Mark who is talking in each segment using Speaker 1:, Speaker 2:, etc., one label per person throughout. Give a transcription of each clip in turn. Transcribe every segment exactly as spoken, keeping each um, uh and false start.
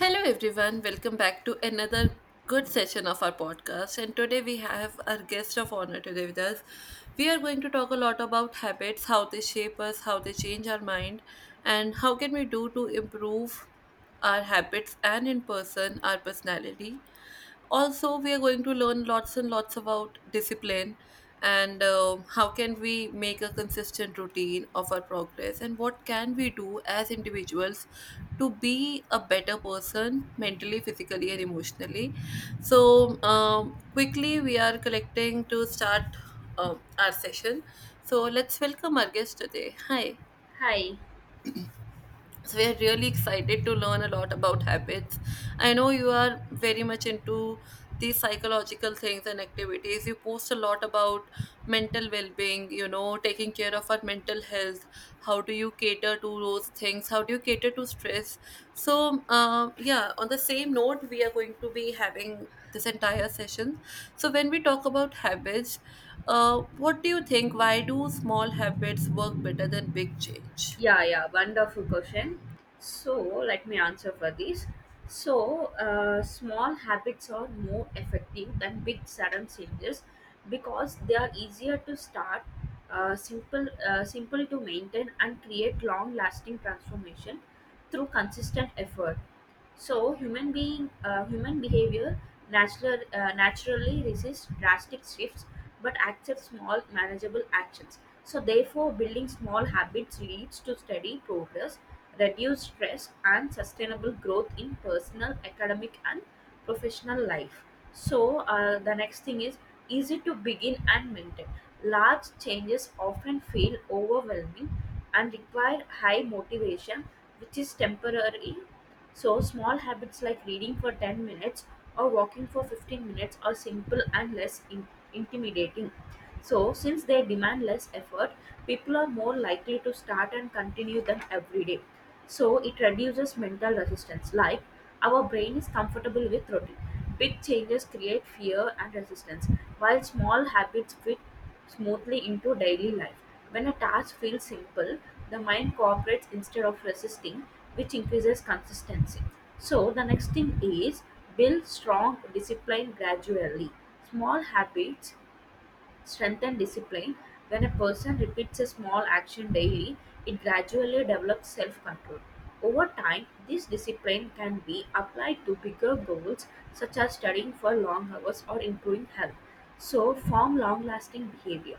Speaker 1: Hello, everyone. Welcome back to another good session of our podcast. And today we have our guest of honor today with us. We are going to talk a lot about habits, how they shape us, how they change our mind, and how can we do to improve our habits and in person our personality. Also, we are going to learn lots and lots about discipline, and um, how can we make a consistent routine of our progress and what can we do as individuals to be a better person mentally, physically, and emotionally. So um, quickly, we are collecting to start um, our session. So let's welcome our guest today. Hi.
Speaker 2: Hi.
Speaker 1: So we are really excited to learn a lot about habits. I know you are very much into these psychological things and activities. You post a lot about mental well-being, you know, taking care of our mental health. How do you cater to those things? How do you cater to stress? So, um, yeah, on the same note, we are going to be having this entire session. So when we talk about habits, uh, what do you think? Why do small habits work better than big change?
Speaker 2: Yeah, yeah, wonderful question. So, let me answer for this. So, uh, small habits are more effective than big sudden changes because they are easier to start, uh, simple, uh, simple to maintain, and create long-lasting transformation through consistent effort. So human being, uh, human behavior natural, uh, naturally resists drastic shifts, but accepts small, manageable actions. So therefore, building small habits leads to steady progress, reduced stress, and sustainable growth in personal, academic, and professional life. So uh, the next thing is easy to begin and maintain. Large changes often feel overwhelming and require high motivation, which is temporary. So small habits like reading for ten minutes or walking for fifteen minutes are simple and less in- intimidating. So since they demand less effort, people are more likely to start and continue them every day. So it reduces mental resistance. Like, our brain is comfortable with routine. Big changes create fear and resistance, while small habits fit smoothly into daily life. When a task feels simple, the mind cooperates instead of resisting, which increases consistency. So the next thing is build strong discipline gradually. Small habits strengthen discipline. When a person repeats a small action daily, it gradually develops self control. Over time, this discipline can be applied to bigger goals such as studying for long hours or improving health. So form long lasting behavior.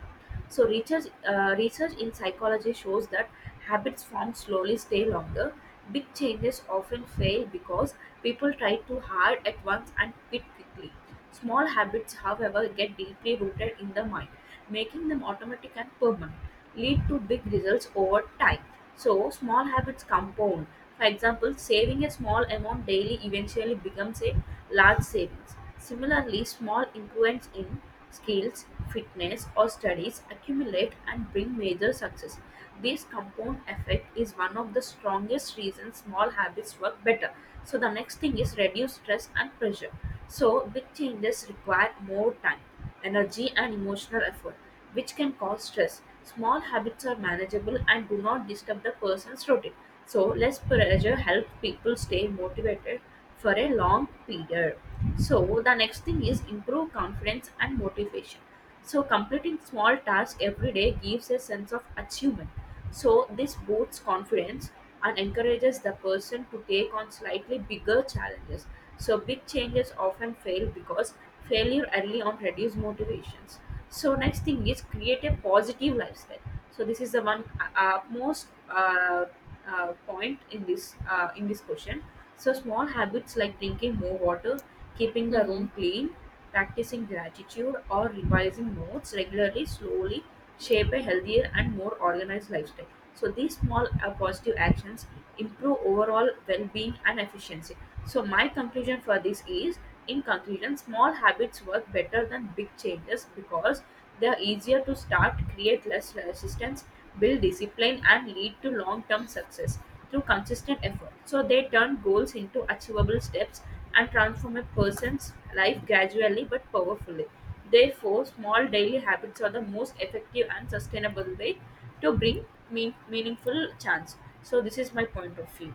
Speaker 2: So research uh, research in psychology shows that habits formed slowly stay longer. Big changes often fail because people try too hard at once and quit quickly. Small habits, however, get deeply rooted in the mind, making them automatic and permanent, lead to big results over time. So small habits compound. For example, saving a small amount daily eventually becomes a large savings. Similarly, small improvements in skills, fitness, or studies accumulate and bring major success. This compound effect is one of the strongest reasons small habits work better. So the next thing is reduce stress and pressure. So big changes require more time energy, and emotional effort, which can cause stress. Small habits are manageable and do not disturb the person's routine. So less pressure helps people stay motivated for a long period. So the next thing is improve confidence and motivation. So completing small tasks every day gives a sense of achievement. So this boosts confidence and encourages the person to take on slightly bigger challenges. So big changes often fail because failure early on reduces motivations. So next thing is create a positive lifestyle. So this is the one uh, most uh, uh, point in this uh, in this question. So small habits like drinking more water, keeping the
Speaker 1: Mhm.
Speaker 2: room clean, practicing gratitude, or revising notes regularly, slowly shape a healthier and more organized lifestyle. So these small uh, positive actions improve overall well-being and efficiency. So my conclusion for this is, in conclusion, small habits work better than big changes because they are easier to start, create less resistance, build discipline, and lead to long-term success through consistent effort. So they turn goals into achievable steps and transform a person's life gradually but powerfully. Therefore, small daily habits are the most effective and sustainable way to bring mean- meaningful chance. So this is my point of view.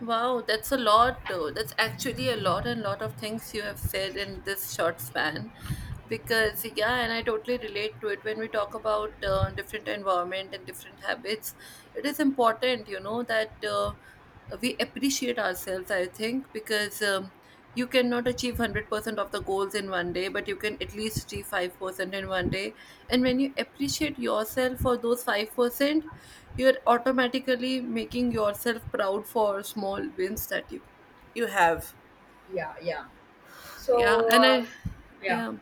Speaker 1: Wow, that's a lot though. That's actually a lot and lot of things you have said in this short span. Because yeah, and I totally relate to it when we talk about uh, different environment and different habits. It is important, you know, that uh, we appreciate ourselves. I think because um, you cannot achieve one hundred percent of the goals in one day, but you can at least achieve five percent in one day, and when you appreciate yourself for those five percent, you're automatically making yourself proud for small wins that you you have.
Speaker 2: Yeah, yeah.
Speaker 1: yeah
Speaker 2: So
Speaker 1: and i
Speaker 2: uh, yeah.
Speaker 1: yeah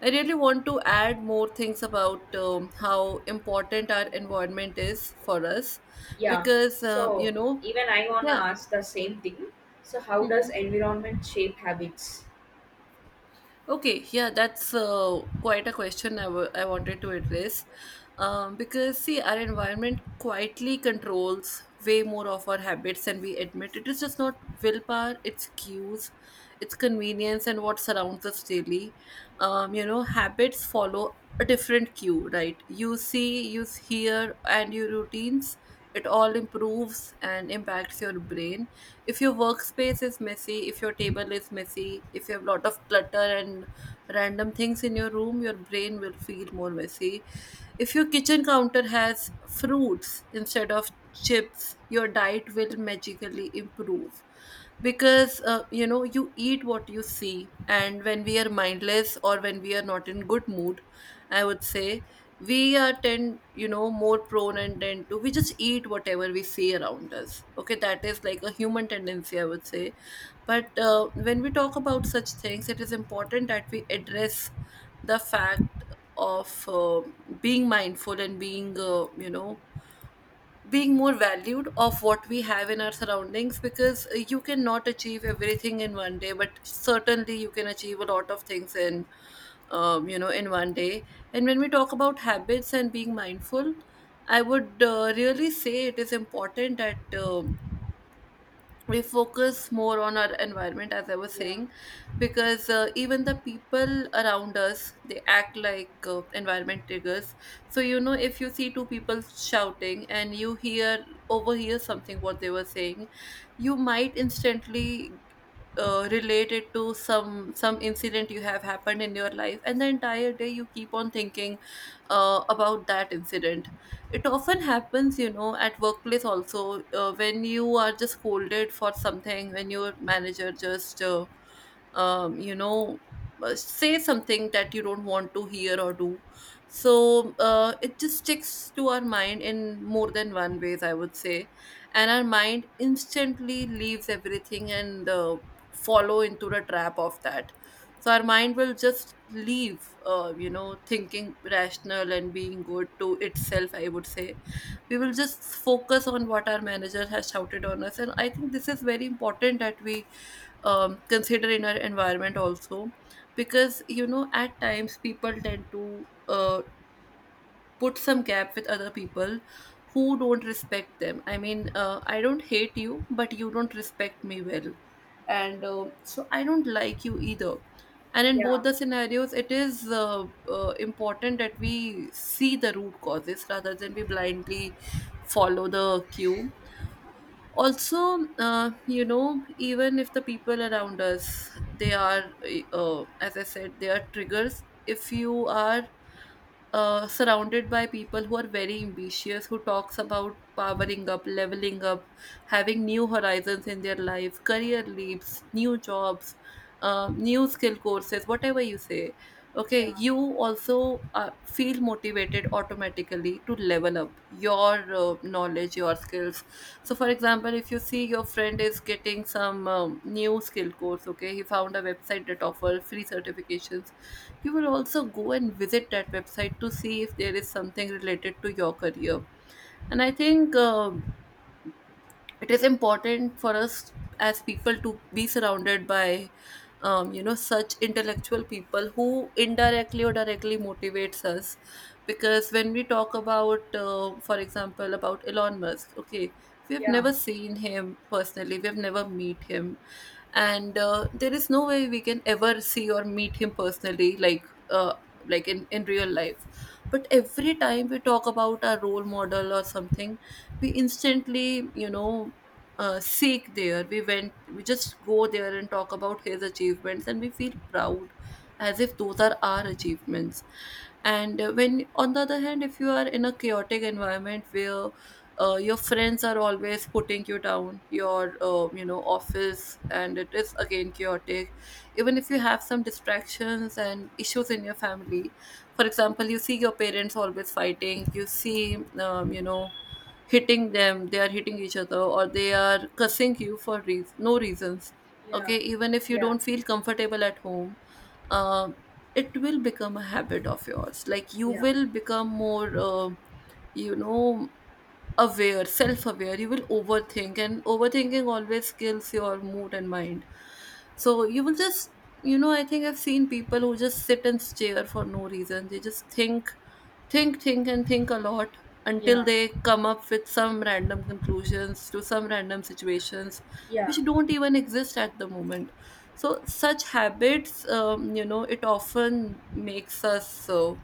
Speaker 1: I really want to add more things about um, how important our environment is for us,
Speaker 2: Yeah.
Speaker 1: because uh, you
Speaker 2: So
Speaker 1: know.
Speaker 2: even I wanna
Speaker 1: Yeah.
Speaker 2: ask the same thing. So how does environment shape habits?
Speaker 1: Okay, yeah, that's uh, quite a question I wa- I wanted to address. Um, because, see, our environment quietly controls way more of our habits than we admit. It is just not willpower, it's cues, it's convenience, and what surrounds us daily. Um, you know, habits follow a different cue, right? You see, you hear, and your routines, it all improves and impacts your brain. If your workspace is messy, if your table is messy, if you have a lot of clutter and random things in your room, your brain will feel more messy. If your kitchen counter has fruits instead of chips, your diet will magically improve, because uh, you know, you eat what you see. And when we are mindless or when we are not in good mood, I would say, we are tend, you know, more prone, and tend to, we just eat whatever we see around us. Okay, that is like a human tendency, I would say. But uh, when we talk about such things, it is important that we address the fact of uh, being mindful and being uh, you know, being more valued of what we have in our surroundings. Because uh, you cannot achieve everything in one day, but certainly you can achieve a lot of things in, um, you know, in one day. And when we talk about habits and being mindful, I would uh, really say it is important that um we focus more on our environment, as I was
Speaker 2: Yeah.
Speaker 1: saying. Because uh, even the people around us, they act like uh, environment triggers. So you know, if you see two people shouting and you hear, overhear something what they were saying, you might instantly uh, relate it to some some incident you have happened in your life, and the entire day you keep on thinking uh, about that incident. It often happens, you know, at workplace also. Uh, when you are just scolded for something, when your manager just uh, um, you know, uh, say something that you don't want to hear or do. So uh, it just sticks to our mind in more than one ways, I would say. And our mind instantly leaves everything and uh, follow into the trap of that. So our mind will just leave, uh, you know, thinking rational and being good to itself, I would say. We will just focus on what our manager has shouted on us. And I think this is very important that we um, consider in our environment also. Because you know, at times people tend to uh, put some gap with other people who don't respect them. I mean, uh, I don't hate you, but you don't respect me well. And uh, so I don't like you either. And in both
Speaker 2: Yeah.
Speaker 1: the scenarios, it is uh, uh, important that we see the root causes rather than we blindly follow the cue. Also, uh, you know, even if the people around us, they are, uh, as I said, they are triggers. If you are uh, surrounded by people who are very ambitious, who talks about powering up, leveling up, having new horizons in their life, career leaps, new jobs, uh, new skill courses, whatever you say, okay,
Speaker 2: Yeah.
Speaker 1: you also uh, feel motivated automatically to level up your uh, knowledge, your skills. So for example, if you see your friend is getting some, um, new skill course, okay, he found a website that offer free certifications, you will also go and visit that website to see if there is something related to your career. And I think uh, it is important for us as people to be surrounded by, um, you know, such intellectual people who indirectly or directly motivates us. Because when we talk about, uh, for example, about Elon Musk, okay, we have
Speaker 2: Yeah.
Speaker 1: never seen him personally, we have never meet him, and uh, there is no way we can ever see or meet him personally, like uh, like in, in real life. But every time we talk about our role model or something, we instantly, you know, uh, seek there, we went, we just go there and talk about his achievements, and we feel proud as if those are our achievements. And uh, when on the other hand, if you are in a chaotic environment where uh, your friends are always putting you down, your, uh, you know, office, and it is again chaotic, even if you have some distractions and issues in your family. For example, you see your parents always fighting, you see, um, you know, hitting them, they are hitting each other, or they are cussing you for reas no reasons. Okay,
Speaker 2: Yeah.
Speaker 1: even if you
Speaker 2: Yeah.
Speaker 1: don't feel comfortable at home, um, it will become a habit of yours, like you
Speaker 2: Yeah.
Speaker 1: will become more uh, you know, aware, self aware, you will overthink, and overthinking always kills your mood and mind. So you will just, you know, I think I've seen people who just sit and stare for no reason. They just think, think, think, and think a lot, until
Speaker 2: Yeah.
Speaker 1: they come up with some random conclusions to some random situations
Speaker 2: Yeah.
Speaker 1: which don't even exist at the moment. So such habits, um, you know, it often makes us so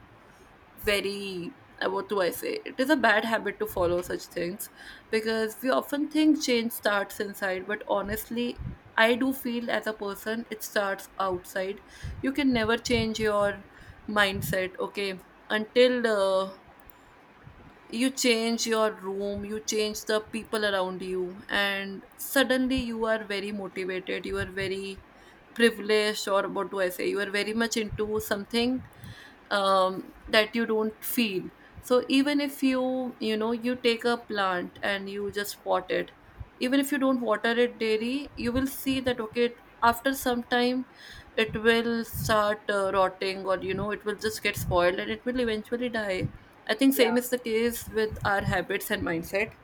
Speaker 1: very, uh, what do I say? It is a bad habit to follow such things, because we often think change starts inside, but honestly, I do feel as a person it starts outside. You can never change your mindset, okay, until uh, you change your room, you change the people around you, and suddenly you are very motivated, you are very privileged, or what do I say, you are very much into something um, that you don't feel. So even if you, you know, you take a plant and you just pot it, even if you don't water it daily, you will see that, okay, it- after some time it will start uh, rotting, or you know, it will just get spoiled and it will eventually die. I think same
Speaker 2: Yeah.
Speaker 1: is the case with our habits and mindset.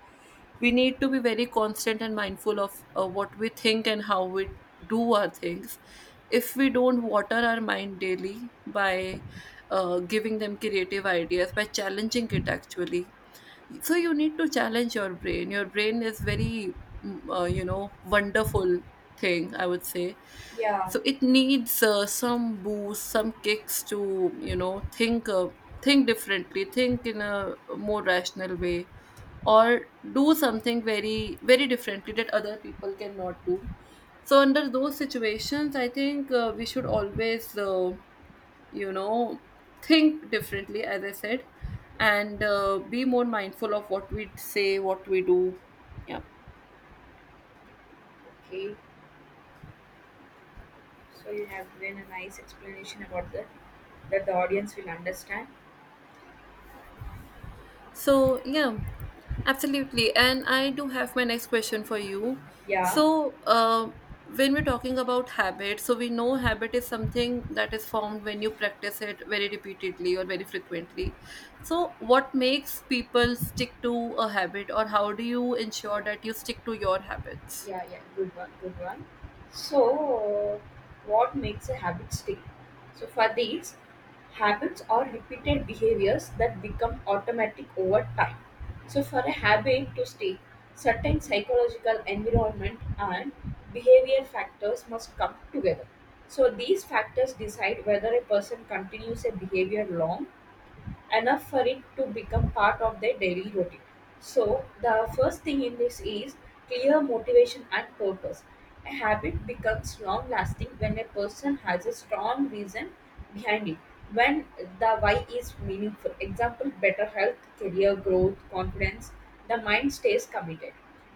Speaker 1: We need to be very constant and mindful of uh, what we think and how we do our things. If we don't water our mind daily by uh, giving them creative ideas, by challenging it actually, so you need to challenge your brain. Your brain is very mm, uh, you know wonderful thing, I would say.
Speaker 2: Yeah.
Speaker 1: So it needs uh, some boost, some kicks to you know think uh, think differently, think in a more rational way, or do something very, very differently that other people cannot do. So under those situations, I think uh, we should always uh, you know think differently, as I said, and uh, be more mindful of what we say, what we do, yeah.
Speaker 2: Okay. So you have given a nice explanation about that that the audience will understand.
Speaker 1: So yeah, absolutely, and I do have my next question for you.
Speaker 2: Yeah.
Speaker 1: So uh, when we're talking about habit, so we know habit is something that is formed when you practice it very repeatedly or very frequently. So what makes people stick to a habit, or how do you ensure
Speaker 2: Yeah.
Speaker 1: that you stick to your habits?
Speaker 2: Yeah, yeah, good one, good one. So, what makes a habit stick? So, for these, habits are repeated behaviors that become automatic over time. So for a habit to stick, certain psychological environment and behavior factors must come together. So these factors decide whether a person continues a behavior long enough for it to become part of their daily routine. So the first thing in this is clear motivation and purpose. A habit becomes long lasting when a person has a strong reason behind it, when the why is meaningful. Example better health, career growth, confidence, the mind stays committed.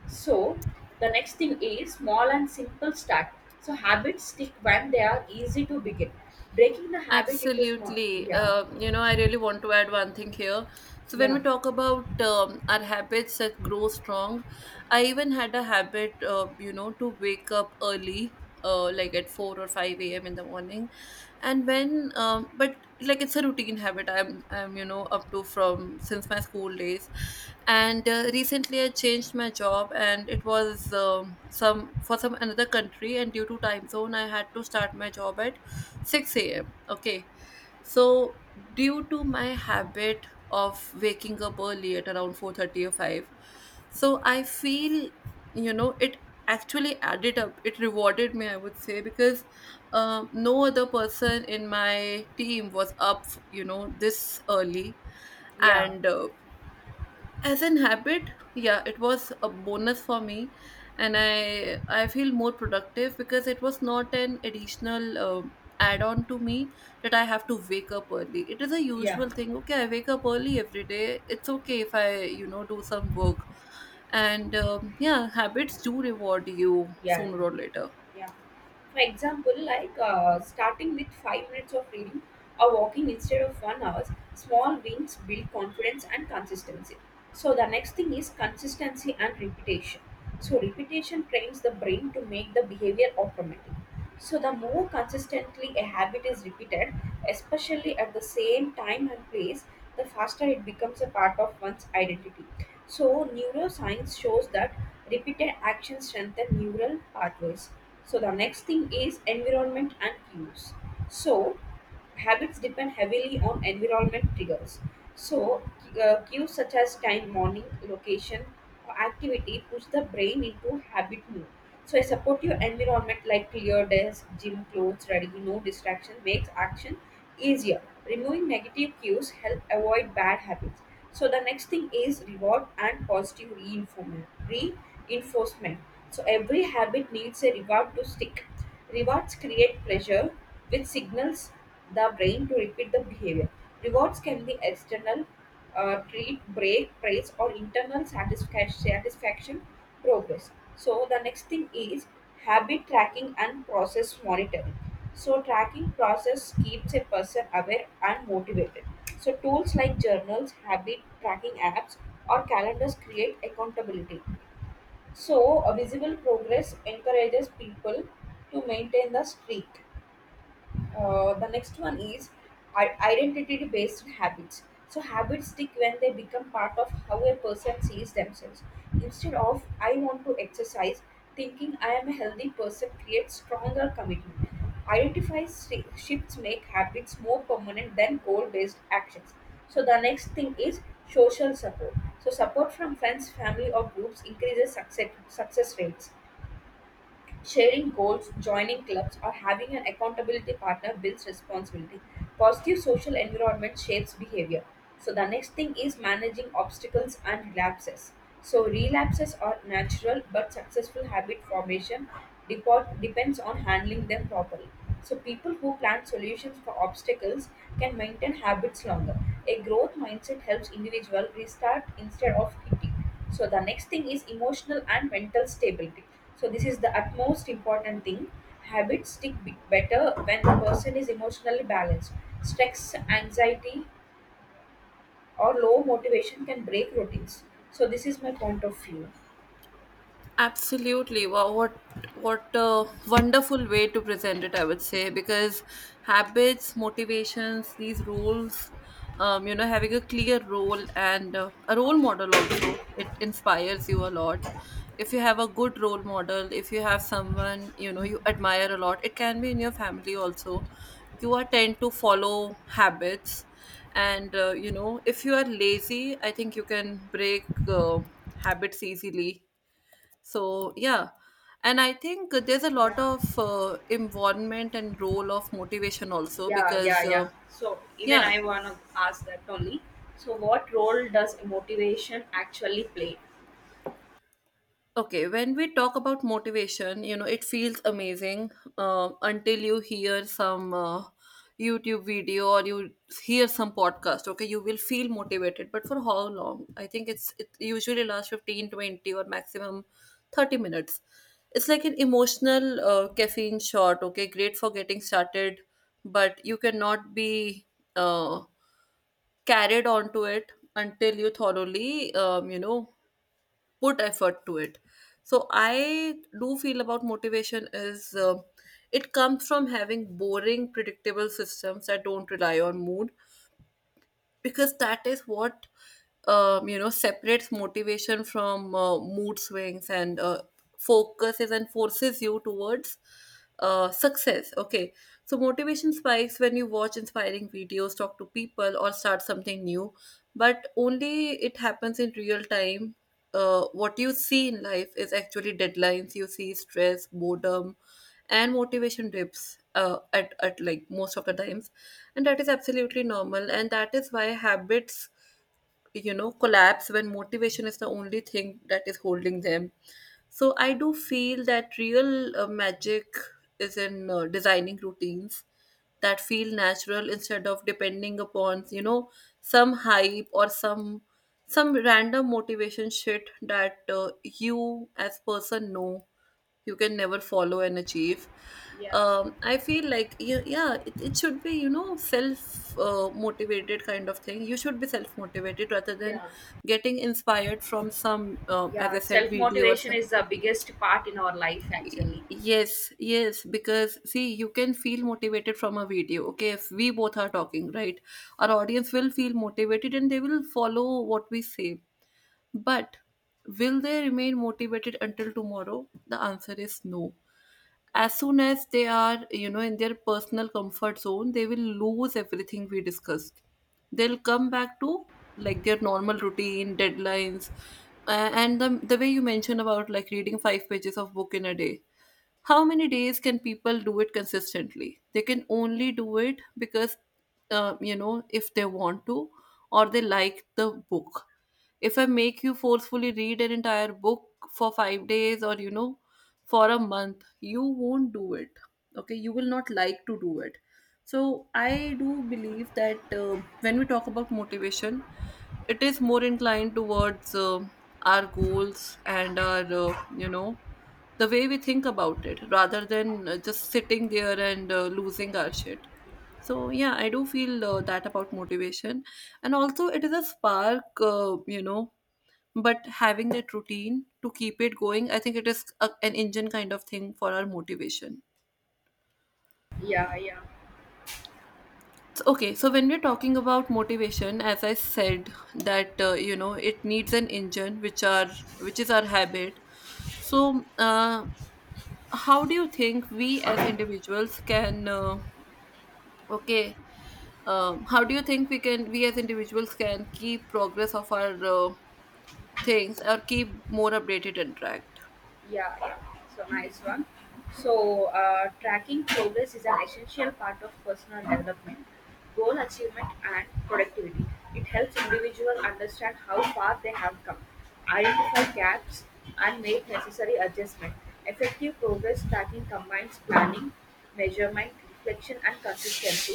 Speaker 2: So the next thing is small and simple start. So habits stick when they are easy to begin. Breaking the habit into small,
Speaker 1: Absolutely.
Speaker 2: yeah,
Speaker 1: Uh, you know, I really want to add one thing here. So, when we
Speaker 2: yeah.
Speaker 1: talk about um, our habits that grow strong, I even had a habit, uh, you know, to wake up early, uh, like at four or five a m in the morning. And when, um, but like it's a routine habit I'm, I'm, you know, up to from since my school days. And uh, recently I changed my job and it was um, some for some another country. And due to time zone, I had to start my job at six a m. Okay. So due to my habit of waking up early at around four thirty or five, so I feel, you know, it actually added up. It rewarded me, I would say, because um, no other person in my team was up, you know, this early.
Speaker 2: Yeah,
Speaker 1: And uh, as an habit, yeah, it was a bonus for me, and i i feel more productive because it was not an additional um, add on to me that I have to wake up early. It is a
Speaker 2: yeah,
Speaker 1: usual thing. Okay, I wake up early every day. It's okay if I, you know, do some work. And um, yeah, habits do reward you
Speaker 2: yeah,
Speaker 1: sooner or later.
Speaker 2: yeah. For example, like uh, starting with five minutes of reading or walking instead of one hour, small wins build confidence and consistency. So the next thing is consistency and repetition. So repetition trains the brain to make the behavior automatic. So the more consistently a habit is repeated, especially at the same time and place, the faster it becomes a part of one's identity. So neuroscience shows that repeated actions strengthen neural pathways. So the next thing is environment and cues. So habits depend heavily on environment triggers. So, uh, cues such as time, morning, location, or activity push the brain into habit mode. So a supportive environment like clear desk, gym clothes, ready, no distraction makes action easier. Removing negative cues help avoid bad habits. So the next thing is reward and positive reinforcement. Reinforcement. So every habit needs a reward to stick. Rewards create pressure, which signals the brain to repeat the behavior. Rewards can be external, uh, treat, break, praise, or internal satisfaction, satisfaction progress. So the next thing is habit tracking and process monitoring. So tracking process keeps a person aware and motivated. So tools like journals, habit tracking apps, or calendars create accountability. So a visible progress encourages people to maintain the streak. Uh, the next one is identity based habits. So habits stick when they become part of how a person sees themselves. Instead of I want to exercise, thinking I am a healthy person creates stronger commitment. Identify shifts make habits more permanent than goal based actions. So the next thing is social support. So support from friends, family, or groups increases success, success rates. Sharing goals, joining clubs, or having an accountability partner builds responsibility. Positive social environment shapes behavior. So the next thing is managing obstacles and relapses. So relapses are natural, but successful habit formation depot- depends on handling them properly. So people who plan solutions for obstacles can maintain habits longer. A growth mindset helps individual restart instead of quitting. So the next thing is emotional and mental stability. So this is the utmost important thing. Habits stick b- better when the person is emotionally balanced. Stress, anxiety, or low motivation can break routines. So this is my point of view.
Speaker 1: Absolutely. Wow, what what a wonderful way to present it, I would say, because habits, motivations, these roles, um, you know, having a clear role and uh, a role model also, it inspires you a lot. If you have a good role model, if you have someone, you know, you admire a lot, it can be in your family also. You are tend to follow habits. And, uh, you know, if you are lazy, I think you can break uh, habits easily. So yeah, and I think there's a lot
Speaker 2: Yeah,
Speaker 1: of uh, involvement and role of motivation also
Speaker 2: yeah,
Speaker 1: because
Speaker 2: yeah,
Speaker 1: uh,
Speaker 2: yeah. So even
Speaker 1: yeah.
Speaker 2: I wanna ask that only. So what role does motivation actually play?
Speaker 1: Okay, when we talk about motivation, you know, it feels amazing uh, until you hear some uh, YouTube video or you hear some podcast. Okay, you will feel motivated, but for how long? I think it's it usually lasts fifteen, twenty, or maximum thirty minutes. It's like an emotional uh, caffeine shot, okay, great for getting started, but you cannot be uh, carried onto it until you thoroughly, um, you know, put effort to it. So I do feel about motivation is uh, it comes from having boring predictable systems that don't rely on mood, because that is what um, you know separates motivation from uh, mood swings and uh, focuses and forces you towards uh, success. Okay, so motivation spikes when you watch inspiring videos, talk to people, or start something new, but only it happens in real time. Uh, what you see in life is actually deadlines, you see stress, boredom, and motivation dips uh, at, at like most of the times, and that is absolutely normal. And that is why habits, you know, collapse when motivation is the only thing that is holding them. So I do feel that real uh, magic is in uh, designing routines that feel natural instead of depending upon, you know, some hype or some some random motivation shit that uh, you as person know you can never follow and achieve.
Speaker 2: Yeah,
Speaker 1: um, I feel like, yeah, yeah it, it should be, you know, self uh, motivated kind of thing. You should be self motivated rather than
Speaker 2: yeah,
Speaker 1: getting inspired from some uh, as I
Speaker 2: yeah.
Speaker 1: said
Speaker 2: Self
Speaker 1: video or
Speaker 2: motivation
Speaker 1: some.
Speaker 2: is the biggest part in our life actually.
Speaker 1: Yes, yes, because see, you can feel motivated from a video, okay? If we both are talking, right, our audience will feel motivated and they will follow what we say, but will they remain motivated until tomorrow? The answer is no. As soon as they are, you know, in their personal comfort zone, they will lose everything we discussed. They'll come back to like their normal routine, deadlines, a- and the, the way you mentioned about like reading five pages of book in a day, how many days can people do it consistently? They can only do it because, uh, you know if they want to, or they like the book. If I make you forcefully read an entire book for five days or you know for a month, you won't do it. Okay, you will not like to do it. So I do believe that uh, when we talk about motivation, it is more inclined towards uh, our goals and our uh, you know the way we think about it rather than uh, just sitting there and uh, losing our shit. So, yeah, I do feel uh, that about motivation. And also, it is a spark, uh, you know, but having that routine to keep it going, I think it is a, an engine kind of thing for our motivation.
Speaker 2: Yeah, yeah.
Speaker 1: So, okay, so when we're talking about motivation, as I said, that uh, you know it needs an engine which are which is our habit. So uh, how do you think we as individuals can uh, okay, um, how do you think we can, we as individuals can keep progress of our uh, things or keep more updated and track?
Speaker 2: Yeah, yeah. So nice one. So uh, tracking progress is an essential part of personal development, goal achievement, and productivity. It helps individuals understand how far they have come, identify gaps, and make necessary adjustment. Effective progress tracking combines planning, measurement, reflection, and consistency.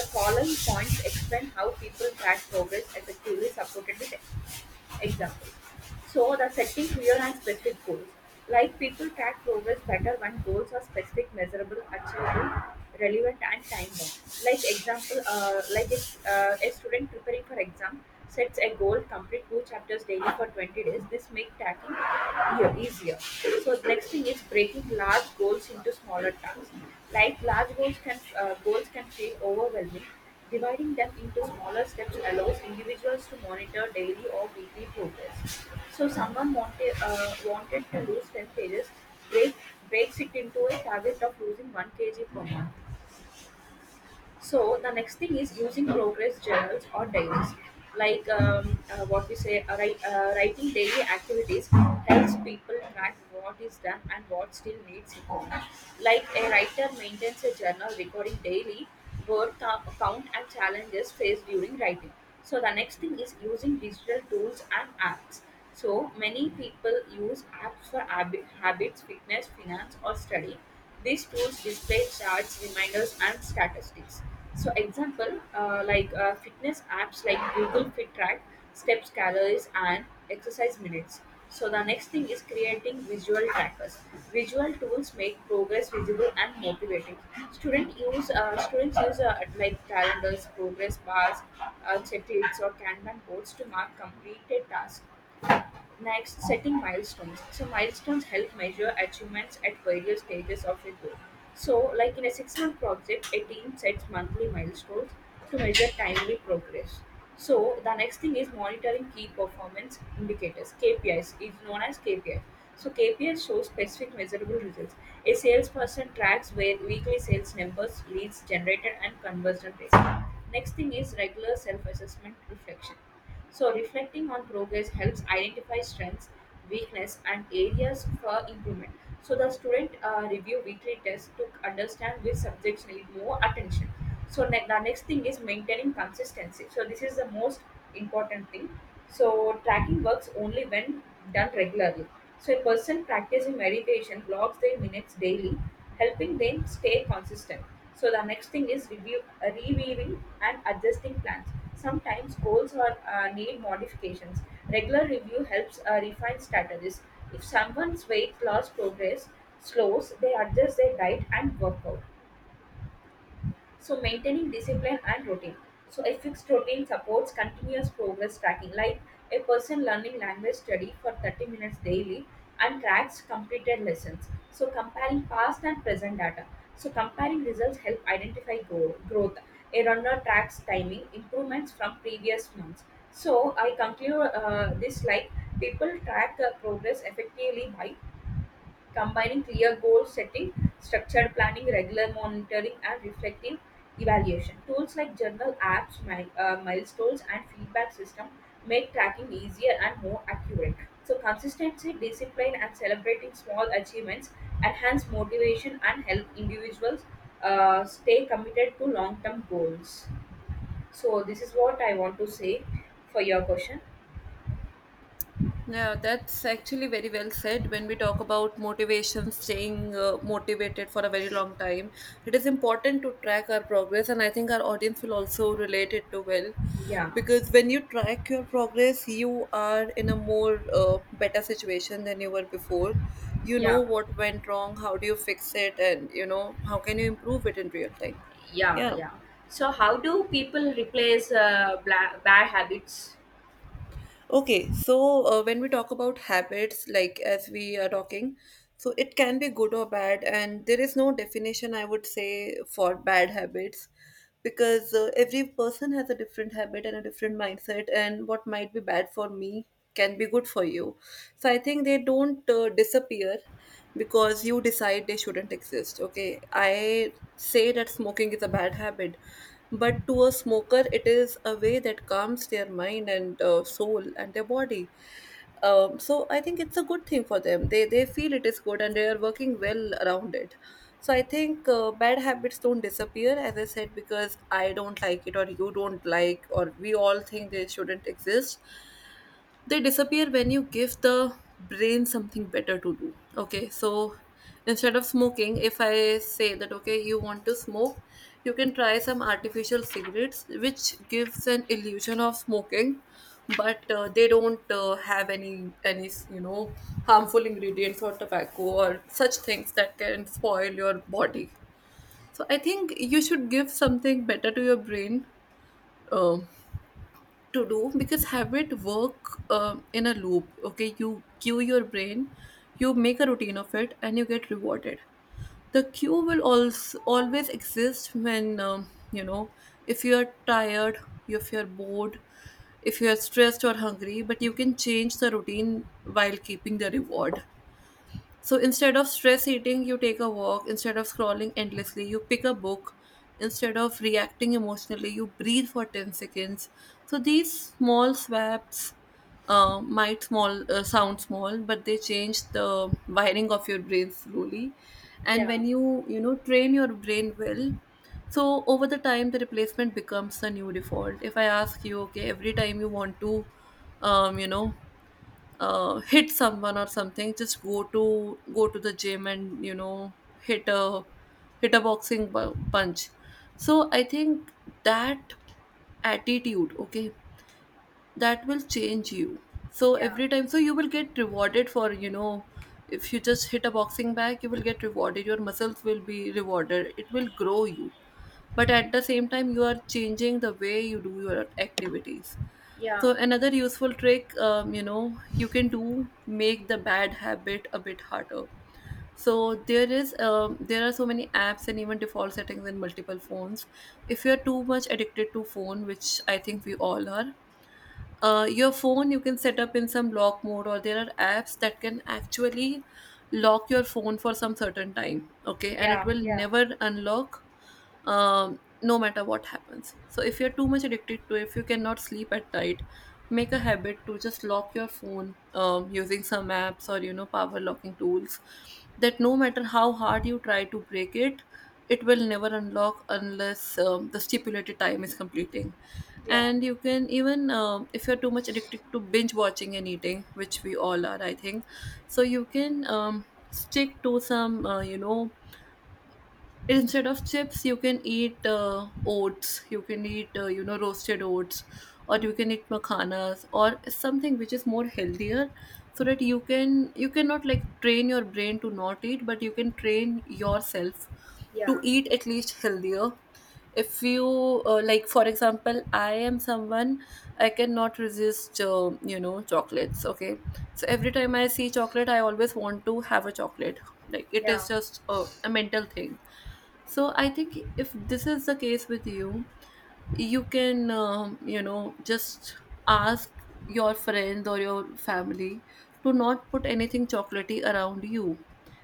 Speaker 2: The following points explain how people track progress effectively supported with example. So the setting clear and specific goals. Like people track progress better when goals are specific, measurable, achievable, relevant, and time bound. Like example, uh, like if uh, a student preparing for exam sets a goal complete two chapters daily for twenty days, this makes tracking ea- easier. So next thing is breaking large goals into smaller tasks. Like large goals can uh, goals can feel overwhelming. Dividing them into smaller steps allows individuals to monitor daily or weekly progress. So someone wanted, uh, wanted to lose ten pages, break, breaks it into a target of losing one kilogram per month. So the next thing is using progress journals or diaries, like um, uh, what we say, uh, write, uh, writing daily activities helps people track what is done and what still needs improvement. Like a writer maintains a journal recording daily work co- count and challenges faced during writing. So the next thing is using digital tools and apps. So many people use apps for habi- habits, fitness, finance, or study, these tools display charts, reminders, and statistics. So, example uh, like uh, fitness apps like Google Fit Track, steps, calories, and exercise minutes. So the next thing is creating visual trackers. Visual tools make progress visible and motivating. Student use uh, students use uh, like calendars, progress bars, uh, checklists, or Kanban boards to mark completed tasks. Next, setting milestones. So milestones help measure achievements at various stages of a goal. So, like in a six-month project, a team sets monthly milestones to measure timely progress. So the next thing is monitoring key performance indicators. KPIs is is known as K P I. So K P Is show specific measurable results. A salesperson tracks where weekly sales numbers, leads generated, and conversion rates. Next thing is regular self-assessment reflection. So reflecting on progress helps identify strengths, weakness, and areas for improvement. So the student uh, review weekly test to understand which subjects need more attention. So ne- the next thing is maintaining consistency. So this is the most important thing. So tracking works only when done regularly. So a person practicing meditation logs their minutes daily, helping them stay consistent. So the next thing is review, uh, reviewing and adjusting plans. Sometimes goals are uh, need modifications. Regular review helps uh, refine strategies. If someone's weight loss progress slows, they adjust their diet and workout. So maintaining discipline and routine. So a fixed routine supports continuous progress tracking, like a person learning language study for thirty minutes daily and tracks completed lessons. So comparing past and present data. So comparing results help identify grow- growth. A runner tracks timing improvements from previous months. So I conclude uh, this, like, people track uh, progress effectively by combining clear goal setting, structured planning, regular monitoring, and reflective evaluation. Tools like journal apps, mi- uh, milestones, and feedback system make tracking easier and more accurate. So consistency, discipline, and celebrating small achievements enhance motivation and help individuals uh, stay committed to long term goals. So this is what I want to say for your question.
Speaker 1: Yeah, that's actually very well said. When we talk about motivation, staying uh, motivated for a very long time, it is important to track our progress, and I think our audience will also relate it to well,
Speaker 2: Yeah,
Speaker 1: because when you track your progress, you are in a more uh, better situation than you were before. You know
Speaker 2: yeah.
Speaker 1: what went wrong, how do you fix it, and you know how can you improve it in real time.
Speaker 2: Yeah,
Speaker 1: Yeah.
Speaker 2: yeah. So how do people replace uh, bla- bad habits?
Speaker 1: Okay, so uh, when we talk about habits, like as we are talking, so it can be good or bad, and there is no definition I would say for bad habits because uh, every person has a different habit and a different mindset, and what might be bad for me can be good for you. So I think they don't uh, disappear because you decide they shouldn't exist. Okay, I say that smoking is a bad habit, but to a smoker, it is a way that calms their mind and uh, soul and their body. Um, so I think it's a good thing for them. They they feel it is good and they are working well around it. So I think uh, bad habits don't disappear, as I said, because I don't like it or you don't like or we all think they shouldn't exist. They disappear when you give the brain something better to do. Okay, so instead of smoking, if I say that okay, you want to smoke, you can try some artificial cigarettes which gives an illusion of smoking, but uh, they don't uh, have any any you know harmful ingredients or tobacco or such things that can spoil your body. So I think you should give something better to your brain um, to do, because habit work um, in a loop. Okay, you cue your brain, you make a routine of it, and you get rewarded. The cue will also always exist when, um, you know, if you are tired, if you are bored, if you are stressed or hungry, but you can change the routine while keeping the reward. So instead of stress eating, you take a walk. Instead of scrolling endlessly, you pick a book. Instead of reacting emotionally, you breathe for ten seconds. So these small swaps uh, might small uh, sound small, but they change the wiring of your brain slowly. And
Speaker 2: Yeah,
Speaker 1: when you you know, train your brain well, so over the time the replacement becomes the new default. If I ask you, okay, every time you want to, um, you know, uh, hit someone or something, just go to go to the gym and you know hit a hit a boxing bu- punch. So I think that attitude, okay, that will change you. So
Speaker 2: yeah,
Speaker 1: every time, so you will get rewarded for, you know, if you just hit a boxing bag, you will get rewarded, your muscles will be rewarded, it will grow you, but at the same time, you are changing the way you do your activities.
Speaker 2: yeah,
Speaker 1: So another useful trick, um, you know, you can do, make the bad habit a bit harder. So there is, um, there are so many apps and even default settings in multiple phones. If you are too much addicted to phone, which I think we all are, uh, your phone you can set up in some lock mode, or there are apps that can actually lock your phone for some certain time, okay, and it
Speaker 2: yeah,
Speaker 1: will
Speaker 2: yeah,
Speaker 1: never unlock, um, no matter what happens. So if you're too much addicted to it, if you cannot sleep at night, make a habit to just lock your phone um, using some apps or you know power locking tools, that no matter how hard you try to break it, it will never unlock unless um, the stipulated time is completing.
Speaker 2: yeah,
Speaker 1: And you can even, um, if you're too much addicted to binge watching and eating, which we all are, I think, so you can um, stick to some uh, you know instead of chips, you can eat uh, oats, you can eat uh, you know roasted oats, or you can eat makhanas or something which is more healthier, so that you can, you cannot like train your brain to not eat, but you can train yourself to
Speaker 2: yeah,
Speaker 1: eat at least healthier. If you uh, like, for example, I am someone, I cannot resist uh, you know chocolates, okay, so every time I see chocolate, I always want to have a chocolate, like it is
Speaker 2: yeah,
Speaker 1: just a, a mental thing. So I think if this is the case with you, you can, um, you know, just ask your friends or your family to not put anything chocolatey around you.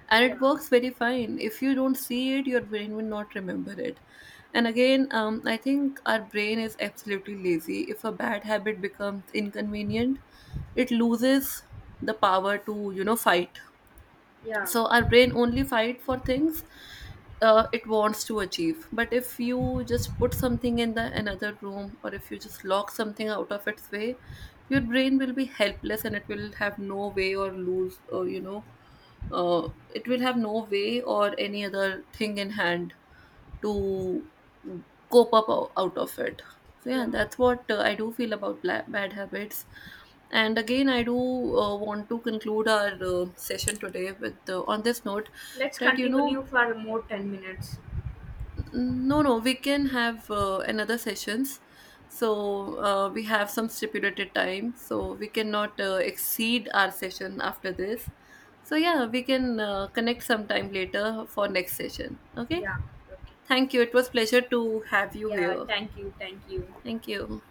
Speaker 1: And
Speaker 2: yeah,
Speaker 1: it works very fine. If you don't see it, your brain will not remember it. And again, um, I think our brain is absolutely lazy. If a bad habit becomes inconvenient, it loses the power to, you know, fight.
Speaker 2: yeah,
Speaker 1: So our brain only fight for things uh, it wants to achieve, but if you just put something in the another room or if you just lock something out of its way, your brain will be helpless and it will have no way or lose or you know uh, it will have no way or any other thing in hand to cope up o- out of it. So yeah,
Speaker 2: yeah.
Speaker 1: that's what uh, I do feel about bla- bad habits. And again, I do uh, want to conclude our uh, session today with uh, on this note
Speaker 2: Let's
Speaker 1: that you
Speaker 2: continue
Speaker 1: know,
Speaker 2: for more ten minutes.
Speaker 1: no, no, we can have uh, another sessions. So uh, we have some stipulated time, so we cannot uh, exceed our session after this. So yeah, we can uh, connect sometime later for next session. Okay.
Speaker 2: Yeah. Okay.
Speaker 1: Thank you. It was pleasure to have you
Speaker 2: Yeah,
Speaker 1: here.
Speaker 2: thank you, thank you.
Speaker 1: Thank you.